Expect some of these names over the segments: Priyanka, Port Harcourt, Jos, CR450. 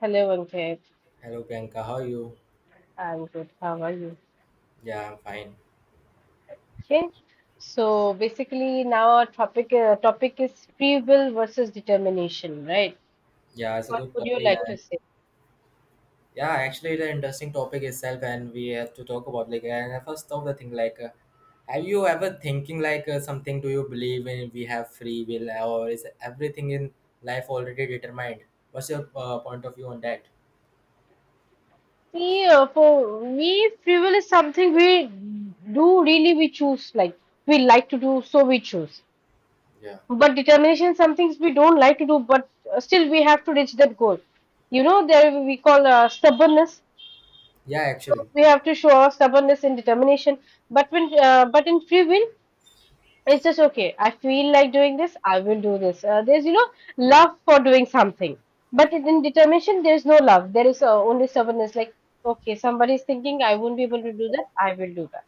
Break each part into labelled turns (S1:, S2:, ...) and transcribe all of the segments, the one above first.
S1: Hello, Ankit.
S2: Hello Priyanka, how are you?
S1: I'm good. How are you?
S2: Yeah, I'm fine.
S1: Okay. So basically, now our topic is free will versus determination, right?
S2: Yeah, it's a
S1: What
S2: good
S1: would you
S2: topic
S1: like to
S2: and
S1: say?
S2: yeah, actually it's an interesting topic itself and we have to talk about like and I first of the thing like have you ever thinking like something, do you believe in we have free will or is everything in life already determined? What's your point of view on that?
S1: See, for me, free will is something we do, really we choose, like we like to do, so we choose.
S2: Yeah.
S1: But determination, some things we don't like to do, but still we have to reach that goal. You know, there we call stubbornness.
S2: Yeah,
S1: So
S2: actually.
S1: we have to show our stubbornness and determination. But in free will. It's just okay. I feel like doing this. I will do this. There's love for doing something, but in determination there's no love. There is only stubbornness. Like okay, somebody is thinking I won't be able to do that. I will do that.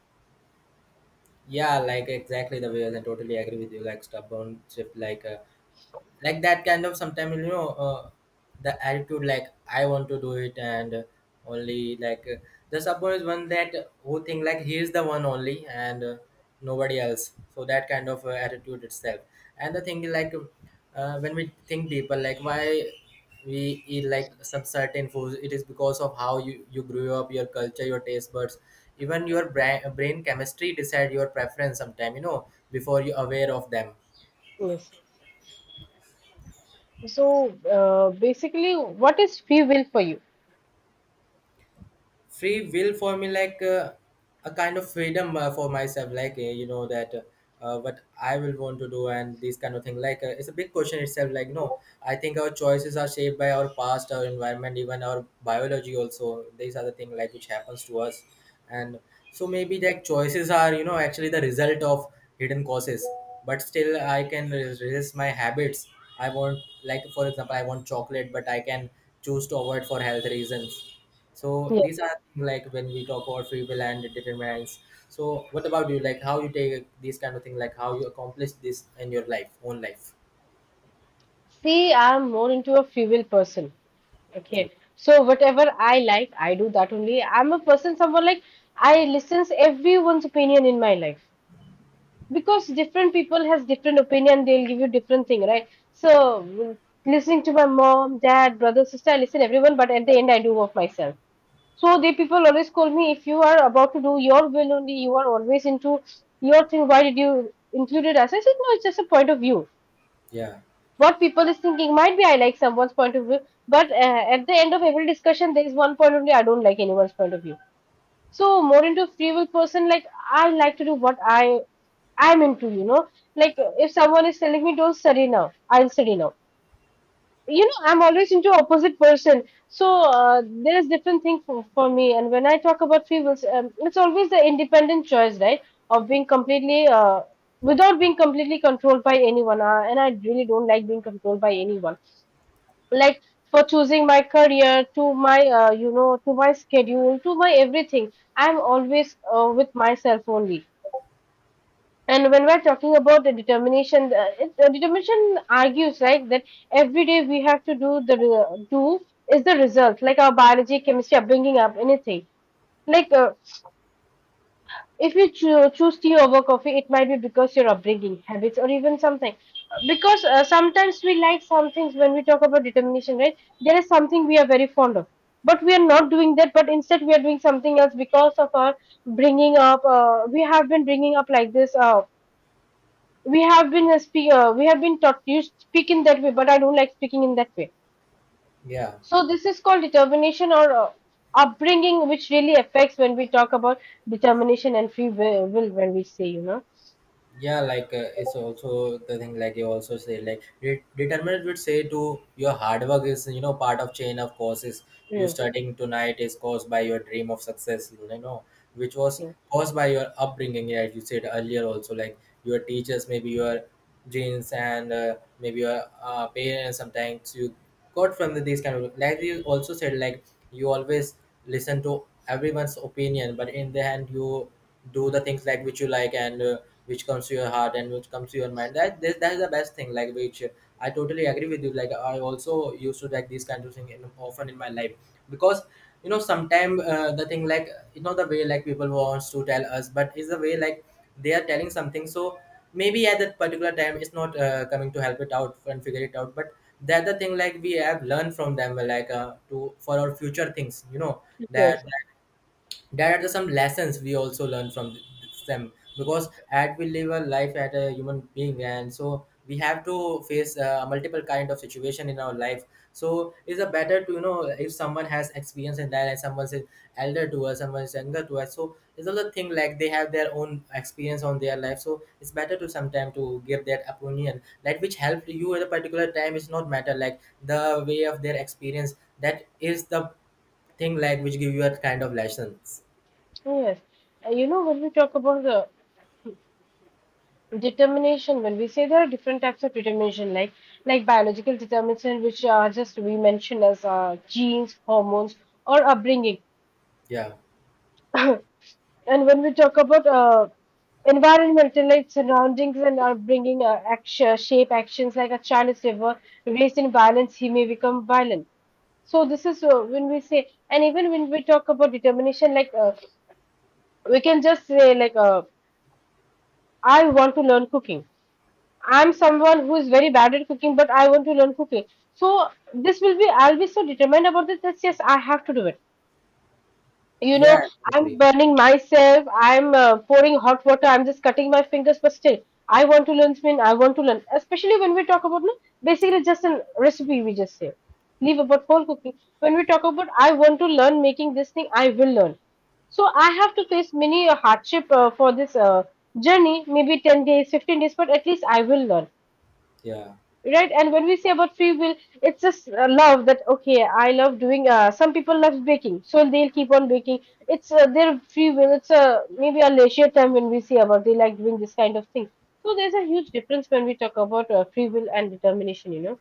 S2: Yeah, like exactly the way I totally agree with you like stubborn shift like that kind of sometimes you know the attitude like I want to do it and only like the support is one that who think like he is the one only and nobody else, so that kind of attitude itself. And the thing is like when we think deeper, like why we eat like some certain foods, it is because of how you grew up, your culture, your taste buds, even your brain chemistry decide your preference sometime, you know, before you aware of them.
S1: Yes. So basically, what is free will for you?
S2: Free will for me like a kind of freedom for myself, like you know that what I will want to do, and this kind of thing like it's a big question itself, like no, I think our choices are shaped by our past, our environment, even our biology also. These are the thing like which happens to us, and so maybe that choices are, you know, actually the result of hidden causes. But still I can resist my habits. I want, like for example I want chocolate, but I can choose to avoid for health reasons. So
S1: Yeah.
S2: these are things like when we talk about free will and determinants. So what about you? Like how you take these kind of thing? Like how you accomplish this in your life, own life?
S1: See, I'm more into a free will person.
S2: Yeah,
S1: Okay. So whatever I like, I do that only. I'm a person, someone like I listens everyone's opinion in my life, because different people has different opinion, they'll give you different thing, right? So listening to my mom, dad, brother, sister, I listen everyone, but at the end I do work myself. So they people always call me, if you are about to do your will only, you are always into your thing, why did you include it? As I said, no, it's just a point of view.
S2: yeah.
S1: What people is thinking, might be I like someone's point of view, but at the end of every discussion there is one point only, I don't like anyone's point of view. So more into free will person. Like I like to do what I'm into. Like if someone is telling me don't study now, I'll study now. I'm always into opposite person. So there is different thing for me. And when I talk about free wills, it's always the independent choice, right? Of being completely without being completely controlled by anyone, and I really don't like being controlled by anyone, like for choosing my career, to my to my schedule, to my everything, I'm always with myself only. And when we're talking about the determination, determination argues, right, that every day we have to do the do is the result, like our biology, chemistry, upbringing up, anything. Like if you choose tea over coffee, it might be because your upbringing, habits, or even something. Because sometimes we like some things when we talk about determination, right? There is something we are very fond of, but we are not doing that. But instead, we are doing something else because of our bringing up. We have been bringing up like this. We have been taught you speak in that way, but I don't like speaking in that way.
S2: Yeah.
S1: So this is called determination or upbringing, which really affects when we talk about determination and free will when we say.
S2: Yeah like it's also the thing like you also say like determinant would say to your hard work is, you know, part of chain of causes. You
S1: Yes,
S2: studying tonight is caused by your dream of success, you know, which was
S1: yes,
S2: caused by your upbringing. Yeah, you said earlier also like your teachers, maybe your genes, and maybe your parents sometimes you got from these kind of. Like you also said like you always listen to everyone's opinion, but in the end you do the things like which you like and which comes to your heart and which comes to your mind, that this, that is the best thing like which I totally agree with you. Like I also used to like these kinds of things in, often in my life, because you know sometimes the thing like you know the way like people wants to tell us, but is the way like they are telling something. So maybe at that particular time it's not coming to help it out and figure it out, but the other thing like we have learned from them like to for our future things, you know,
S1: yes.
S2: that there are the some lessons we also learn from them. Because as we live a life as a human being, and so we have to face multiple kind of situation in our life. So it's a better to, you know, if someone has experience in that, and someone's elder to us, someone's younger to us, so it's another thing like they have their own experience on their life. So it's better to sometime to give that opinion like which helped you at a particular time. It's not matter like the way of their experience, that is the thing like which give you a kind of lessons.
S1: Yes. When we talk about the determination, when we say there are different types of determination, like biological determination, which are just we mentioned as genes, hormones, or upbringing.
S2: Yeah.
S1: And when we talk about environmental, like surroundings and are bringing action, shape actions, like a child is ever raised in violence, he may become violent. So this is when we say, and even when we talk about determination, like we can just say, I want to learn cooking. I'm someone who is very bad at cooking, but I want to learn cooking. So I'll be so determined about this that yes, I have to do it. you know
S2: Yeah,
S1: I'm
S2: exactly.
S1: burning myself, I'm pouring hot water, I'm just cutting my fingers, but still I want to learn spin I want to learn, especially when we talk about, no, basically just a recipe, we just say leave about whole cooking. When we talk about I want to learn making this thing, I will learn. So I have to face many a hardship for this journey, maybe 10 days, 15 days, but at least I will learn,
S2: Yeah.
S1: right? And when we say about free will, it's just love, that okay, I love doing some people love baking, so they'll keep on baking. It's their free will. It's a maybe a leisure time, when we see about they like doing this kind of thing. So there's a huge difference when we talk about free will and determination.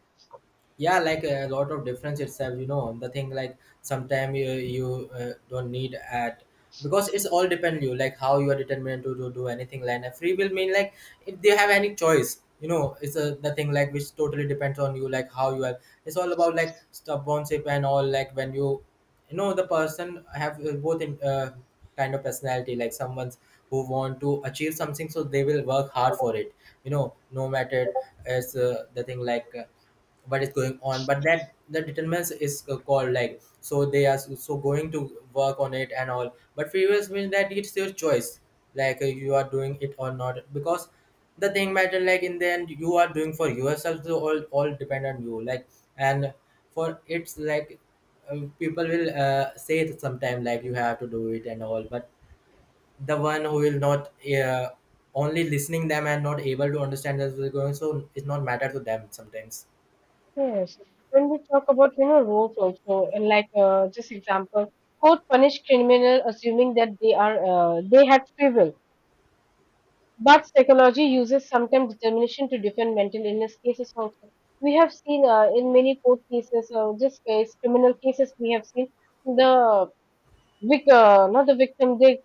S2: Yeah like a lot of difference itself, you know. The thing like sometime you don't need at, because it's all depend you like how you are determined to do anything. Like a free will mean like if they have any choice, you know, it's a the thing like which totally depends on you like how you are. It's all about like stubbornness and all. Like when you know, the person have both in kind of personality, like someone's who want to achieve something, so they will work hard for it, you know, no matter as the thing like what is going on. But that the determines is called like, so they are so going to work on it and all. But freeways means that it's your choice, like you are doing it or not, because the thing matter like in the end you are doing for yourself. So all depend on you like. And for it's like people will say it sometime like you have to do it and all, but the one who will not uh, only listening them and not able to understand as they're going, so it's not matter to them sometimes.
S1: Yes, when we talk about roles also, and like just example, court punish criminal assuming that they had free will. But psychology uses sometimes determination to defend mental illness cases also. We have seen in many court cases, criminal cases, we have seen the not the victim,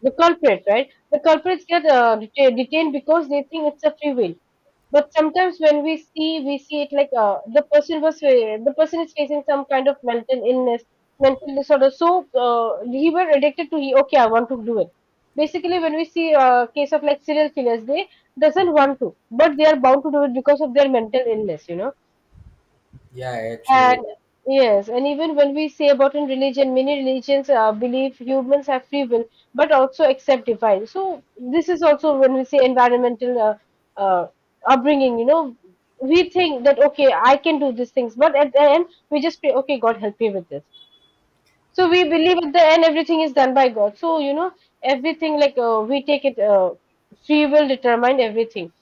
S1: the culprit, right? The culprits get detained because they think it's a free will. But sometimes when we see it, like the person is facing some kind of mental illness, mental disorder. So he were addicted to he. Okay, I want to do it. Basically, when we see a case of like serial killers, they doesn't want to, but they are bound to do it because of their mental illness. You know.
S2: Yeah, actually,
S1: And yes, and even when we say about in religion, many religions believe humans have free will, but also accept divine. So this is also when we say environmental uh, upbringing. We think that okay, I can do these things, but at the end we just pray, okay, God help me with this. So we believe at the end everything is done by God. So everything like we take it, free will determine everything.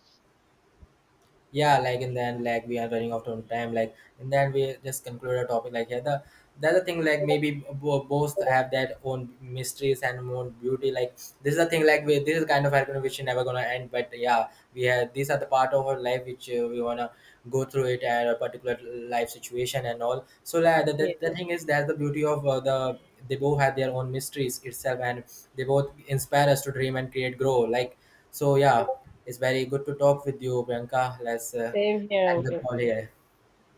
S2: yeah, like and then like we are running out of time. Like and then we just conclude our topic. Like yeah, the other thing, like maybe both have their own mysteries and own beauty. Like this is the thing, like we, this is kind of argument which is never gonna end. But yeah, we have these are the part of our life which we wanna go through it at a particular life situation and all. So like the,
S1: Yes,
S2: the, the thing is that's the beauty of the they both have their own mysteries itself, and they both inspire us to dream and create grow. Like so yeah, it's very good to talk with you, Priyanka. Let's
S1: same here,
S2: end the
S1: uncle.
S2: call here.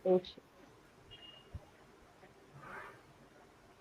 S1: Thank you.